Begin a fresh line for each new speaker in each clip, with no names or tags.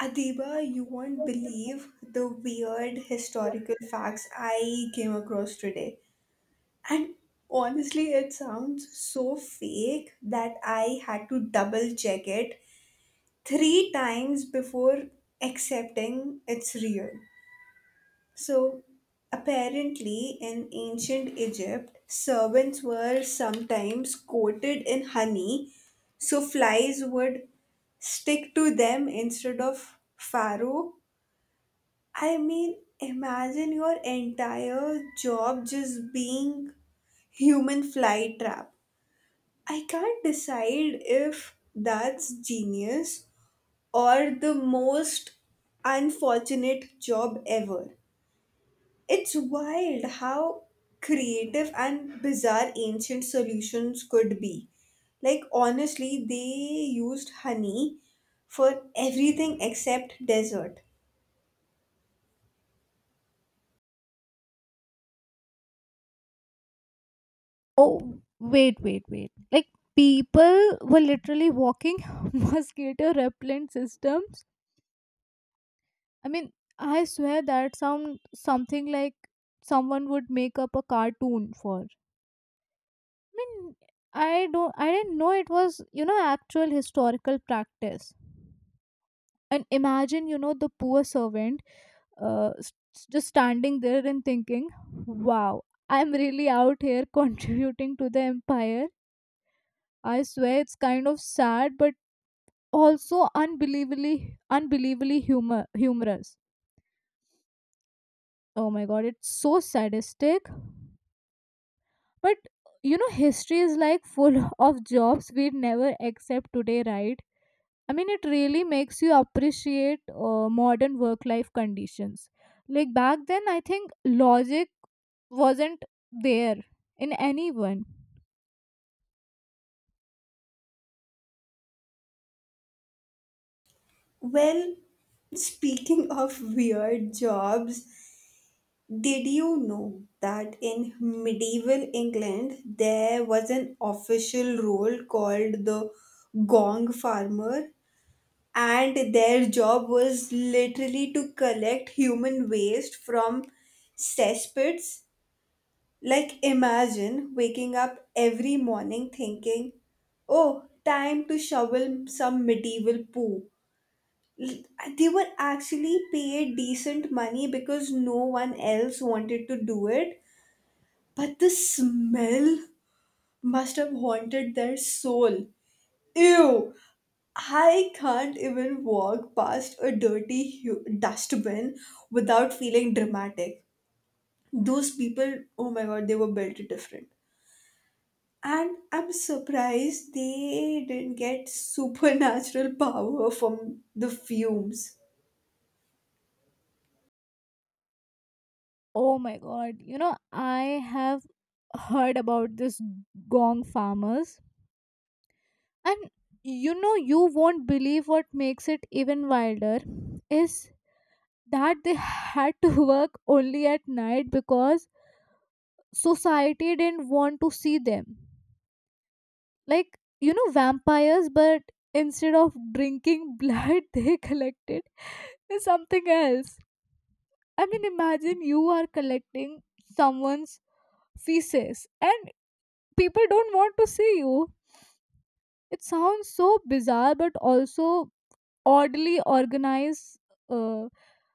Adiba, you won't believe the weird historical facts I came across today. And honestly, it sounds so fake that I had to double check it three times before accepting it's real. So, apparently, in ancient Egypt, servants were sometimes coated in honey so flies would stick to them instead of Pharaoh. I mean, imagine your entire job just being human fly trap. I can't decide if that's genius or the most unfortunate job ever. It's wild how creative and bizarre ancient solutions could be. Like, honestly, they used honey for everything except dessert.
Oh, wait, wait, wait. Like, people were literally walking mosquito repellent systems. I mean, I swear that sound something like someone would make up a cartoon for. I mean, I didn't know it was, actual historical practice. And imagine, the poor servant uh, s- just standing there and thinking, wow, I'm really out here contributing to the empire. I swear it's kind of sad, but also unbelievably humorous. Oh my god, it's so sadistic. But you know, history is like full of jobs we'd never accept today, right? I mean, it really makes you appreciate modern work-life conditions. Like back then, I think logic wasn't there in anyone.
Well, speaking of weird jobs, did you know that in medieval England there was an official role called the gong farmer? And their job was literally to collect human waste from cesspits. Like, imagine waking up every morning thinking, oh, time to shovel some medieval poo. They were actually paid decent money because no one else wanted to do it, but the smell must have haunted their soul. Ew. I can't even walk past a dirty dustbin without feeling dramatic. Those people, oh my god, they were built different. And I'm surprised they didn't get supernatural power from the fumes.
Oh my god, you know, I have heard about this gong farmers. And you know, you won't believe what makes it even wilder is that they had to work only at night because society didn't want to see them. Like, you know, vampires, but instead of drinking blood, they collected something else. I mean, imagine you are collecting someone's feces and people don't want to see you. It sounds so bizarre, but also oddly organized, uh,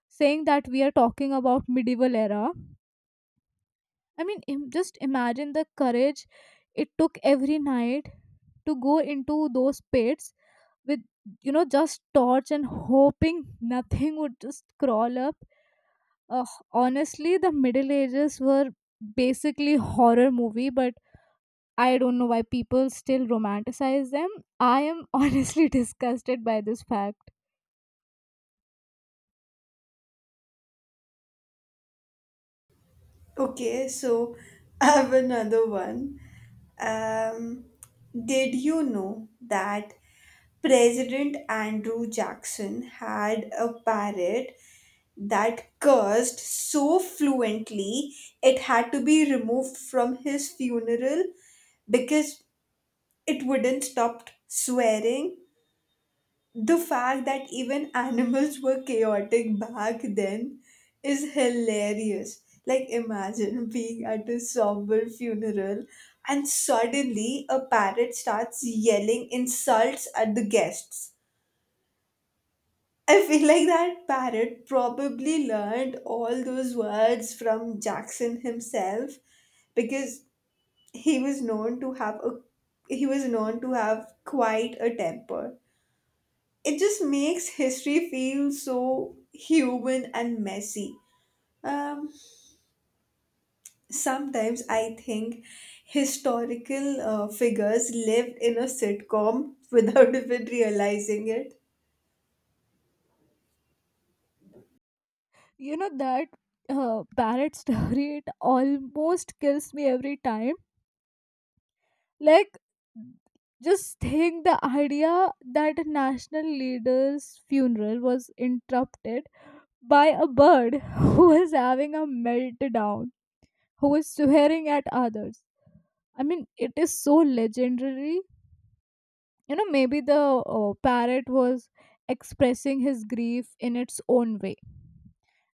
saying that we are talking about medieval era. I mean, just imagine the courage it took every night to go into those pits with, you know, just torch and hoping nothing would just crawl up. uh, Honestly, the middle ages were basically horror movie, but I don't know why people still romanticize them. I am honestly disgusted by this fact.
Okay, so I have another one. Um, did you know that President Andrew Jackson had a parrot that cursed so fluently it had to be removed from his funeral because it wouldn't stop swearing? The fact that even animals were chaotic back then is hilarious. Like, imagine being at a somber funeral and suddenly a parrot starts yelling insults at the guests. I feel like that parrot probably learned all those words from Jackson himself because he was known to have a he was known to have quite a temper. It just makes history feel so human and messy. Um, Sometimes I think historical figures lived in a sitcom without even realizing it.
You know that parrot story, it almost kills me every time. Like, just think the idea that a national leader's funeral was interrupted by a bird who was having a meltdown, who was swearing at others. I mean, it is so legendary. You know, maybe the parrot was expressing his grief in its own way,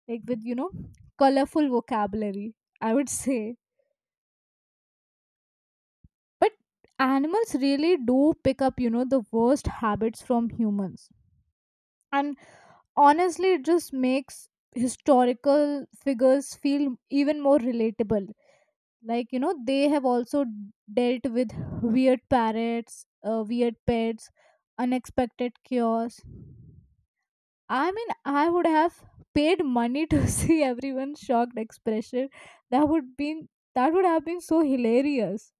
like with, you know, colorful vocabulary, I would say. But animals really do pick up, you know, the worst habits from humans. And honestly, it just makes historical figures feel even more relatable. Like, you know, they have also dealt with weird parrots, weird pets, unexpected cures. I mean, I would have paid money to see everyone's shocked expression. That would been that would have been so hilarious.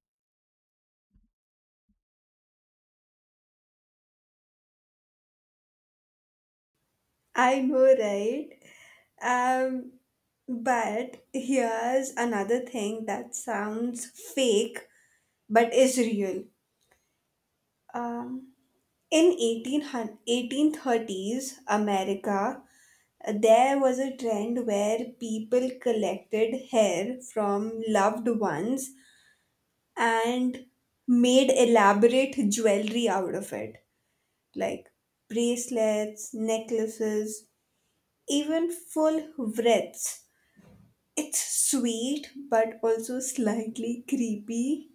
I know, right? Um, but here's another thing that sounds fake but is real. Um, in 1830s, America, there was a trend where people collected hair from loved ones and made elaborate jewelry out of it, like bracelets, necklaces, even full wreaths. It's sweet but also slightly creepy.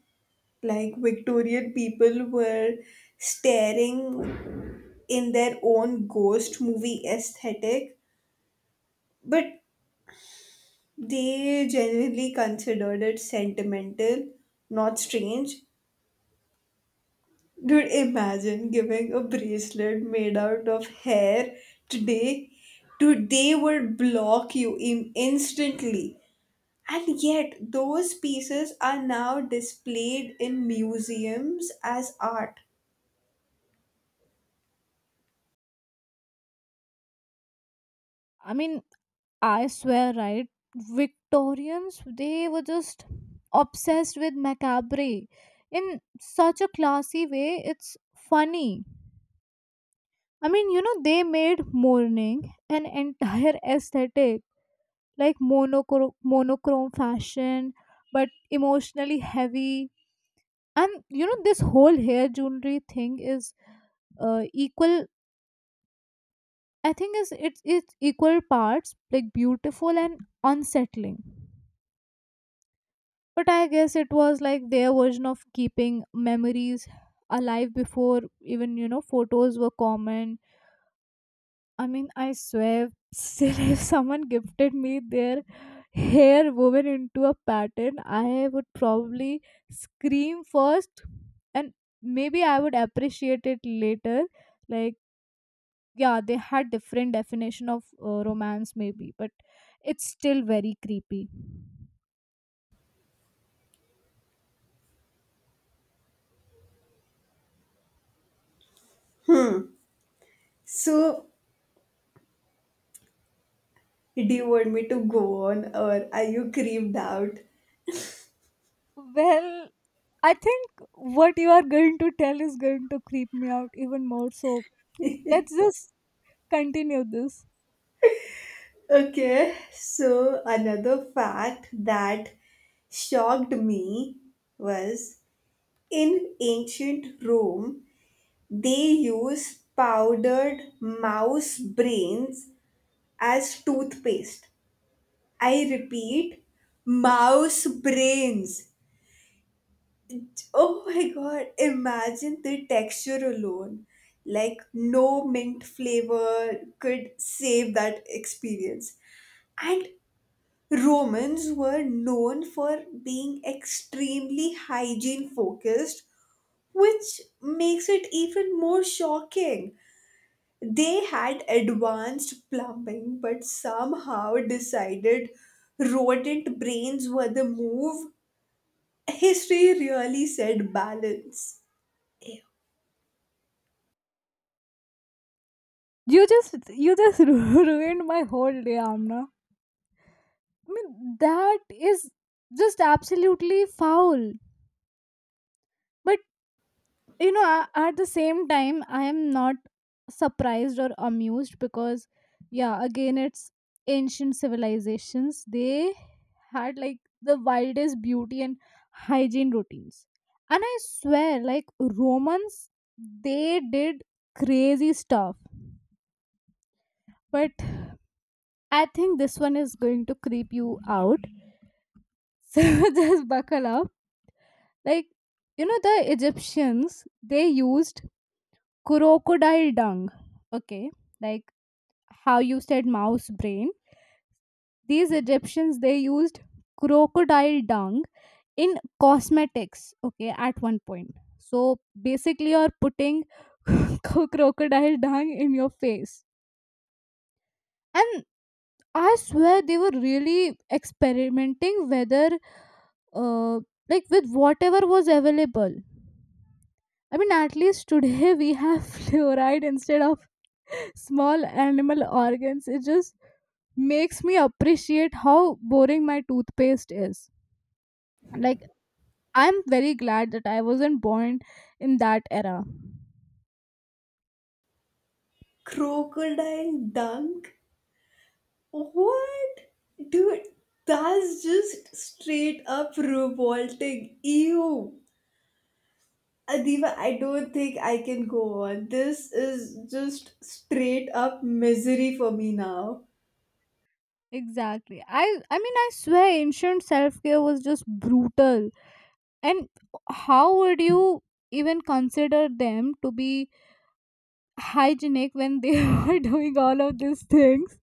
Like Victorian people were staring in their own ghost movie aesthetic. But they genuinely considered it sentimental, not strange. Dude, imagine giving a bracelet made out of hair today. Today would block you in instantly. And yet, those pieces are now displayed in museums as art.
I mean, I swear, right? Victorians, they were just obsessed with macabre in such a classy way. It's funny. I mean, you know, they made mourning an entire aesthetic, like monochrome fashion, but emotionally heavy. And you know, this whole hair jewelry thing is equal. I think is it's equal parts like beautiful and unsettling. But I guess it was like their version of keeping memories alive before even, you know, photos were common. I mean, I swear, still if someone gifted me their hair woven into a pattern, I would probably scream first, and maybe I would appreciate it later. Like, yeah, they had different definition of romance maybe, but it's still very creepy.
So, do you want me to go on or are you creeped out?
Well, I think what you are going to tell is going to creep me out even more. So let's just continue this.
Okay, so another fact that shocked me was in ancient Rome, they used powdered mouse brains as toothpaste. I repeat, mouse brains. Oh my god, imagine the texture alone. Like, no mint flavor could save that experience. And Romans were known for being extremely hygiene focused, which makes it even more shocking. They had advanced plumbing, but somehow decided rodent brains were the move. History really said balance. Ew.
You just ruined my whole day, Amna. I mean, that is just absolutely foul. But you know, at the same time, I am not surprised or amused because, yeah, again, it's ancient civilizations. They had like the wildest beauty and hygiene routines. And I swear, like, Romans, they did crazy stuff. But I think this one is going to creep you out. So just buckle up. Like, you know, the Egyptians, they used crocodile dung, okay? Like how you said mouse brain, these Egyptians, they used crocodile dung in cosmetics, okay, at one point. So basically you're putting crocodile dung in your face. And I swear they were really experimenting whether, uh, like, with whatever was available. I mean, at least today we have fluoride instead of small animal organs. It just makes me appreciate how boring my toothpaste is. Like, I'm very glad that I wasn't born in that era.
Crocodile dunk? What? Dude, that's just straight up revolting. Ew. Adiba, I don't think I can go on. This is just straight up misery for me now.
Exactly. I swear ancient self-care was just brutal. And how would you even consider them to be hygienic when they were doing all of these things?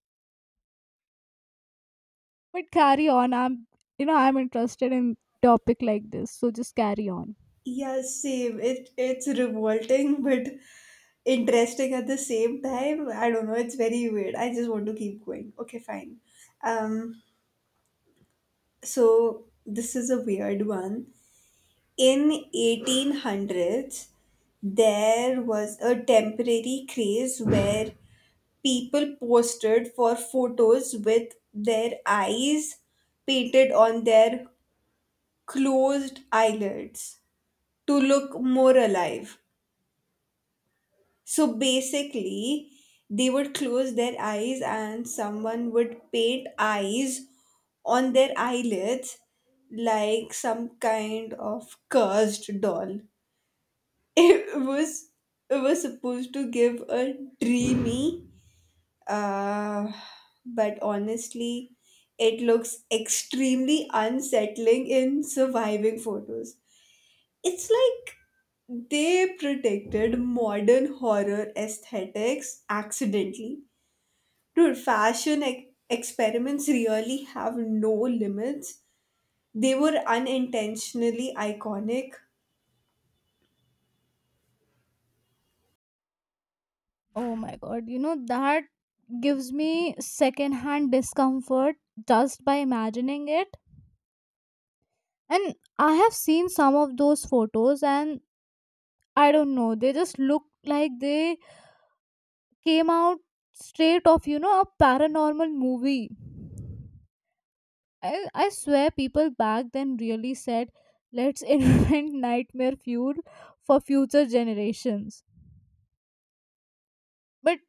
But carry on. I'm, you know, I'm interested in topic like this, so just carry on.
Yeah, same. It's revolting but interesting at the same time. I don't know, it's very weird. I just want to keep going. Okay, fine. Um so this is a weird one. In 1800s, there was a temporary craze where people posted for photos with their eyes painted on their closed eyelids to look more alive. So basically, they would close their eyes and someone would paint eyes on their eyelids like some kind of cursed doll. It was it was supposed to give a dreamy. Uh, but honestly, it looks extremely unsettling in surviving photos. It's like they protected modern horror aesthetics accidentally. Dude, fashion experiments really have no limits. They were unintentionally iconic.
Oh my god, you know that gives me secondhand discomfort just by imagining it. And I have seen some of those photos and I don't know, they just look like they came out straight of, you know, a paranormal movie. I swear people back then really said, let's invent nightmare fuel for future generations. But,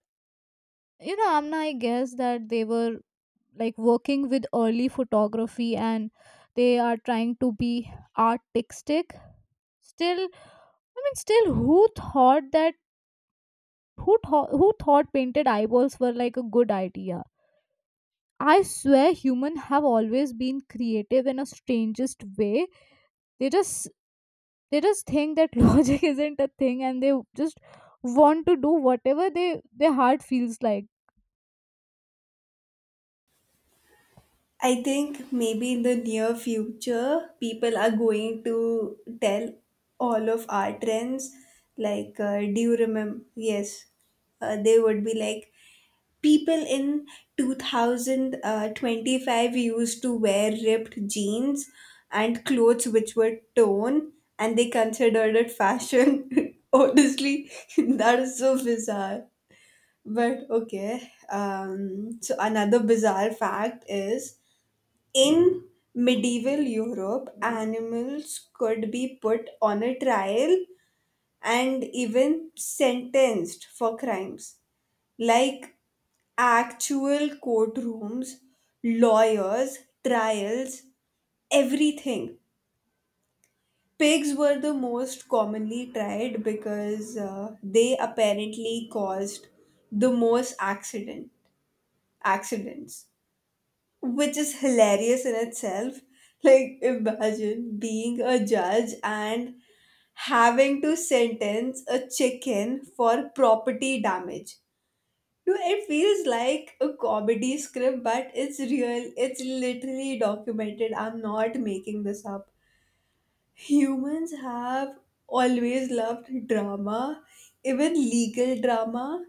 you know, Amna, I guess that they were like working with early photography and they are trying to be artistic. Still, I mean, still, who thought painted eyeballs were like a good idea? I swear humans have always been creative in a strangest way. They just they just think that logic isn't a thing and they just want to do whatever they their heart feels like.
I think maybe in the near future, people are going to tell all of our trends. Like, do you remember? Yes, they would be like, people in 2025 used to wear ripped jeans and clothes which were torn, and they considered it fashion. Honestly, that is so bizarre. But okay. So another bizarre fact is in medieval Europe, animals could be put on a trial and even sentenced for crimes. Like actual courtrooms, lawyers, trials, everything. Pigs were the most commonly tried because they apparently caused the most accidents which is hilarious in itself. Like, imagine being a judge and having to sentence a chicken for property damage. Dude, it feels like a comedy script, but it's real. It's literally documented. I'm not making this up. Humans have always loved drama, even legal drama.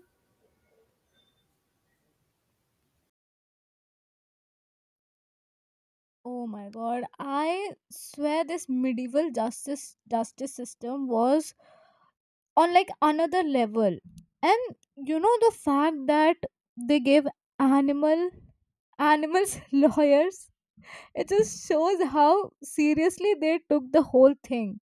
Oh my god, I swear this medieval justice system was on like another level. And you know the fact that they gave animal animals lawyers, it just shows how seriously they took the whole thing.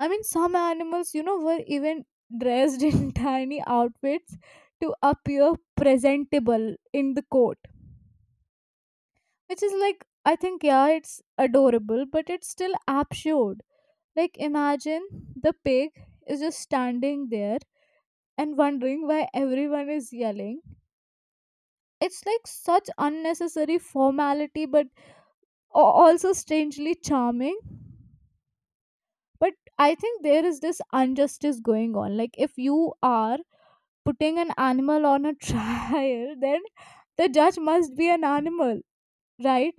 I mean, some animals, you know, were even dressed in tiny outfits to appear presentable in the court, which is like, I think, yeah, it's adorable, but it's still absurd. Like, imagine the pig is just standing there and wondering why everyone is yelling. It's like such unnecessary formality, but a- also strangely charming. But I think there is this injustice going on. Like, if you are putting an animal on a trial, then the judge must be an animal, right?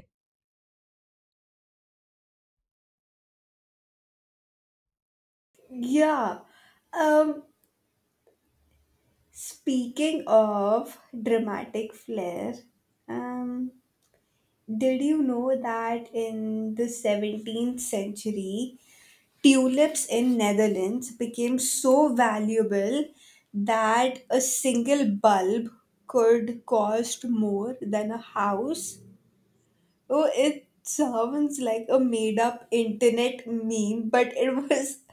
Yeah. Um Speaking of dramatic flair, um, did you know that in the 17th century, tulips in Netherlands became so valuable that a single bulb could cost more than a house? Oh, it sounds like a made-up internet meme, but it was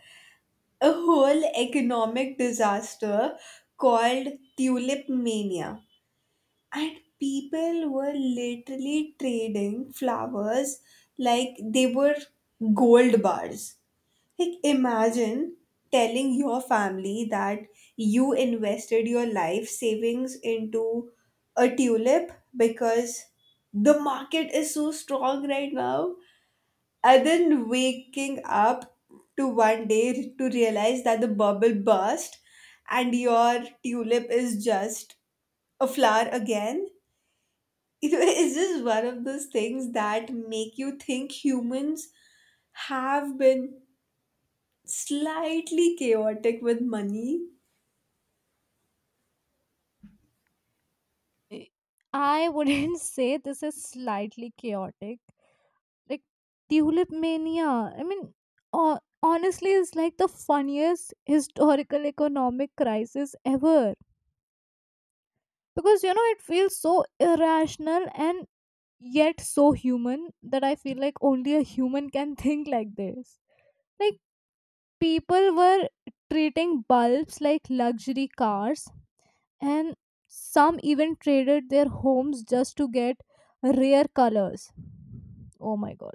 a whole economic disaster called tulip mania. And people were literally trading flowers like they were gold bars. Like, imagine telling your family that you invested your life savings into a tulip because the market is so strong right now, and then waking up to one day to realize that the bubble burst and your tulip is just a flower again. It is just one of those things that make you think humans have been slightly chaotic with money.
I I wouldn't say this is slightly chaotic. Like Tulip Mania, I mean, honestly, is like the funniest historical economic crisis ever. Because, you know, it feels so irrational and yet so human that I feel like only a human can think like this. Like, people were treating bulbs like luxury cars, and some even traded their homes just to get rare colors. Oh my god,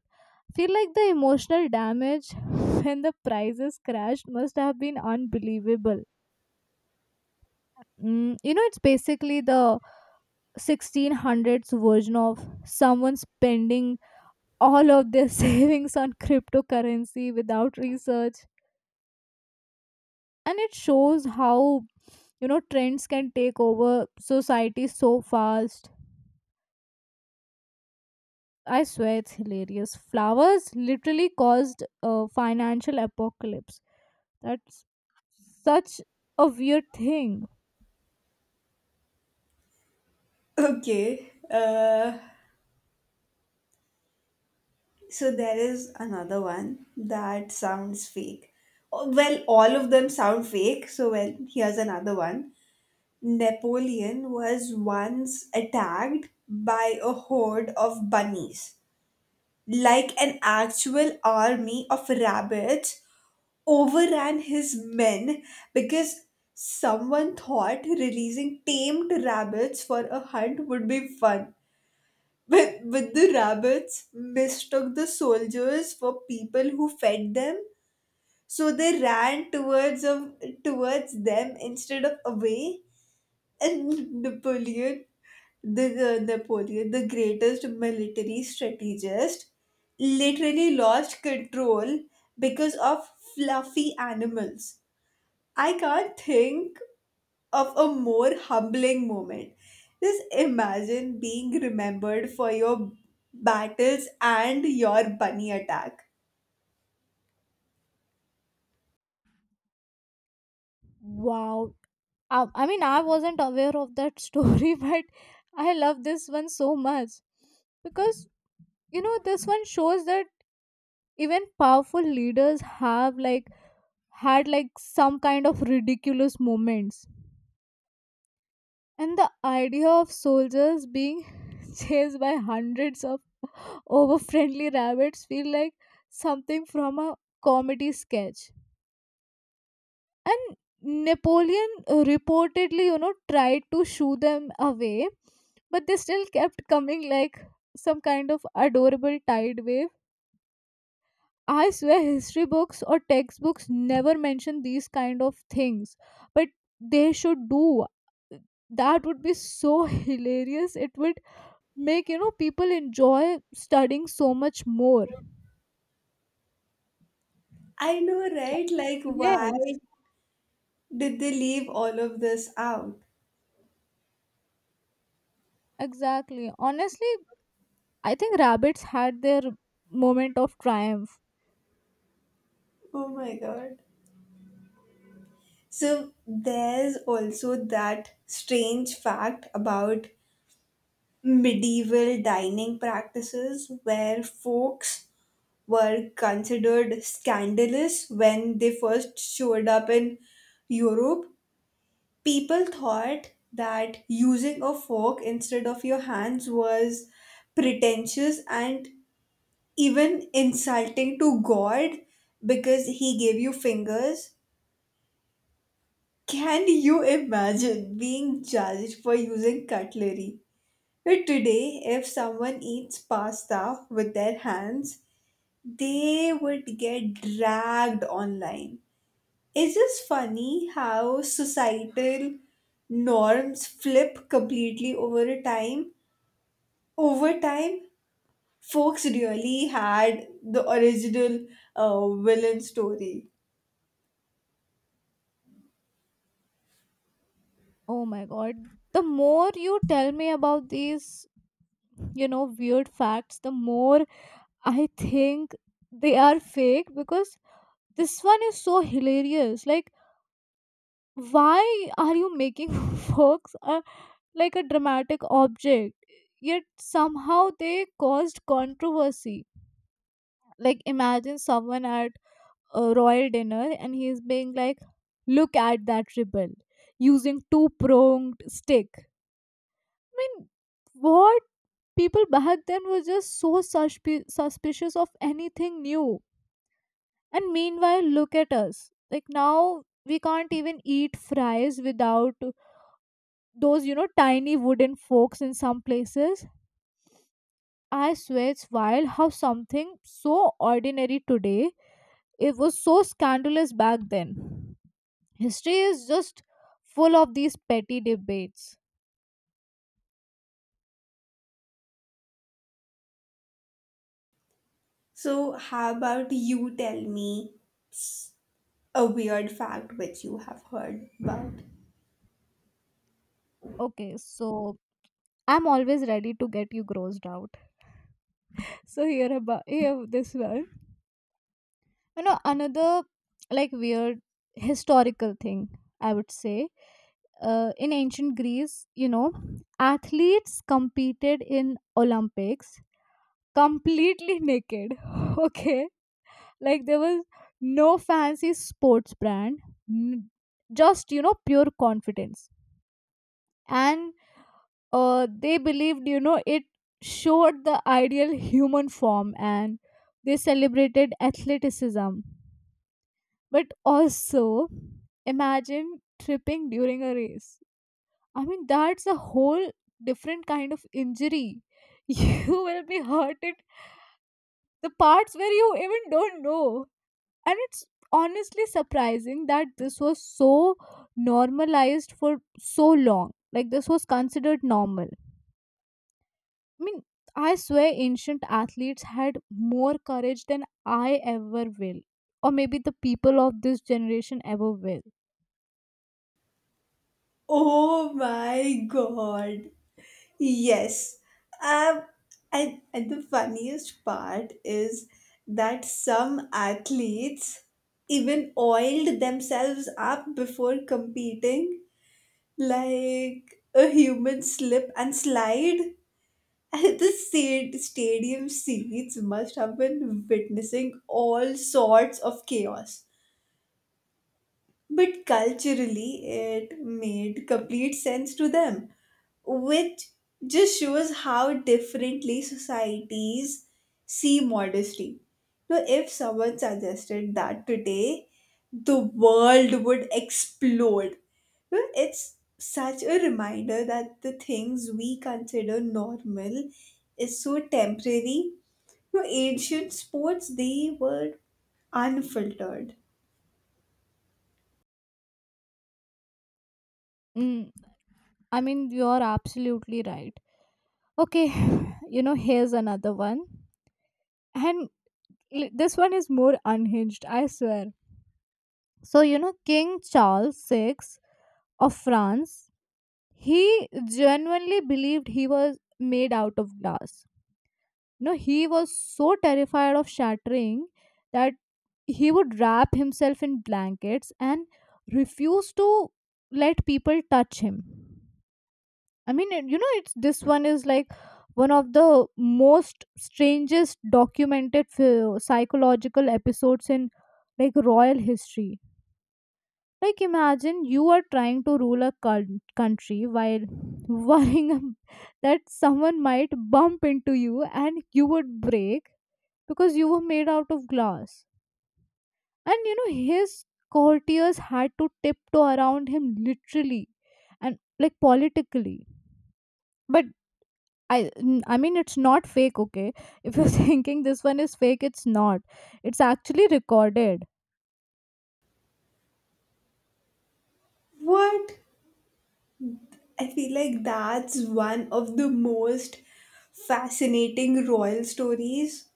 feel like the emotional damage when the prices crashed must have been unbelievable. Mm, you know it's basically the 1600s version of someone spending all of their savings on cryptocurrency without research. And it shows how, you know, trends can take over society so fast. I swear it's hilarious, flowers literally caused a financial apocalypse. That's such a weird thing.
Okay, so there is another one that sounds fake. Oh, well, all of them sound fake, so well, here's another one. Napoleon was once attacked by a horde of bunnies, like an actual army of rabbits overran his men because someone thought releasing tamed rabbits for a hunt would be fun. But the rabbits mistook the soldiers for people who fed them, so they ran towards them instead of away. And Napoleon, the greatest military strategist, literally lost control because of fluffy animals. I can't think of a more humbling moment. Just imagine being remembered for your battles and your bunny attack.
Wow, I mean, I wasn't aware of that story, but I love this one so much because, you know, this one shows that even powerful leaders have like had like some kind of ridiculous moments. And the idea of soldiers being chased by hundreds of overfriendly rabbits feel like something from a comedy sketch. And Napoleon, reportedly, you know, tried to shoo them away, but they still kept coming like some kind of adorable tide wave. I swear history books or textbooks never mention these kind of things, but they should do. That would be so hilarious. It would make, you know, people enjoy studying so much more.
I know, right? Like,
Yes,
why did they leave all of this out?
exactly, honestly, I think rabbits had their moment of triumph.
Oh my god. So, there's also that strange fact about medieval dining practices where folks were considered scandalous when they first showed up in Europe. People thought that using a fork instead of your hands was pretentious and even insulting to God because He gave you fingers. Can you imagine being judged for using cutlery? But today, if someone eats pasta with their hands, they would get dragged online. It's just funny how societal norms flip completely over a time. Over time, folks really had the original villain story.
Oh my god, the more you tell me about these, you know, weird facts, the more I think they are fake, because this one is so hilarious. Like, why are you making folks, like, a dramatic object, yet somehow they caused controversy? Like, imagine someone at a royal dinner and he's being like, look at that ribbon using two pronged stick. I mean, what? People back then were just so suspicious of anything new. And meanwhile look at us, like, now we can't even eat fries without those, you know, tiny wooden forks in some places. I swear it's wild how something so ordinary today, it was so scandalous back then. History is just full of these petty debates.
So, how about you tell me a weird fact which you have heard about?
Okay, so I'm always ready to get you grossed out. So here this one, you know, another like weird historical thing, I would say, in ancient Greece, you know, athletes competed in Olympics completely naked. Okay, like, there was no fancy sports brand, n- just, you know, pure confidence. And they believed, you know, it showed the ideal human form and they celebrated athleticism. But also, imagine tripping during a race. I mean, that's a whole different kind of injury. You will be hurt at the parts where you even don't know. And it's honestly surprising that this was so normalized for so long, like, this was considered normal. I mean, I swear ancient athletes had more courage than I ever will, or maybe the people of this generation ever will.
Oh my god, yes. Um, and the funniest part is that some athletes even oiled themselves up before competing, like a human slip and slide. And the stadium seats must have been witnessing all sorts of chaos. But culturally, it made complete sense to them, which just shows how differently societies see modesty. Now, if someone suggested that today, the world would explode. You know, it's such a reminder that the things we consider normal is so temporary. You know, ancient sports, they were unfiltered.
Mm, I mean, you're absolutely right. Okay, you know, here's another one. And this one is more unhinged, I swear. So, you know, King Charles VI of France, he genuinely believed he was made out of glass. No, he was so terrified of shattering that he would wrap himself in blankets and refuse to let people touch him. I mean, you know, it's this one is like one of the most strangest documented psychological episodes in like royal history. Like, imagine you are trying to rule a country while worrying that someone might bump into you and you would break because you were made out of glass. And you know, his courtiers had to tiptoe around him literally and like politically. But I mean, it's not fake, okay? If you're thinking this one is fake, it's not. It's actually recorded.
What? I feel like that's one of the most fascinating royal stories.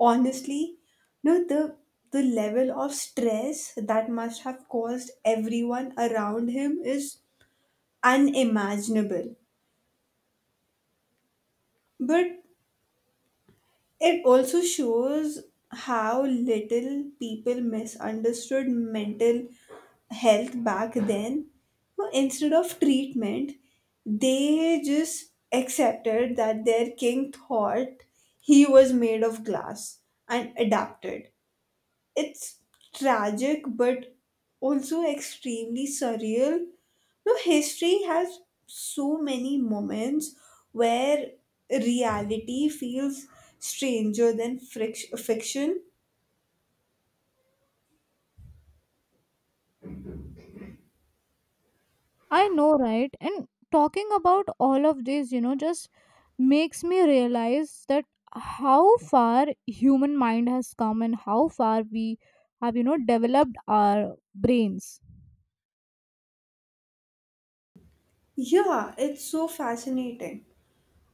Honestly, no, the level of stress that must have caused everyone around him is unimaginable. But it also shows how little people misunderstood mental health back then. So instead of treatment, they just accepted that their king thought he was made of glass and adapted. It's tragic but also extremely surreal. No, history has so many moments where reality feels stranger than fiction.
I know, right? And talking about all of this, you know, just makes me realize that how far human mind has come and how far we have, you know, developed our brains.
Yeah, it's so fascinating.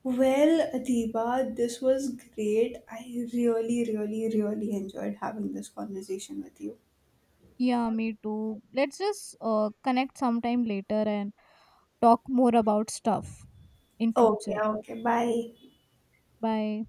Well, Adiba, this was great. I really, really, really enjoyed having this conversation with you.
Yeah, me too. Let's just connect sometime later and talk more about stuff in
Okay,
future.
okay, bye.
Bye.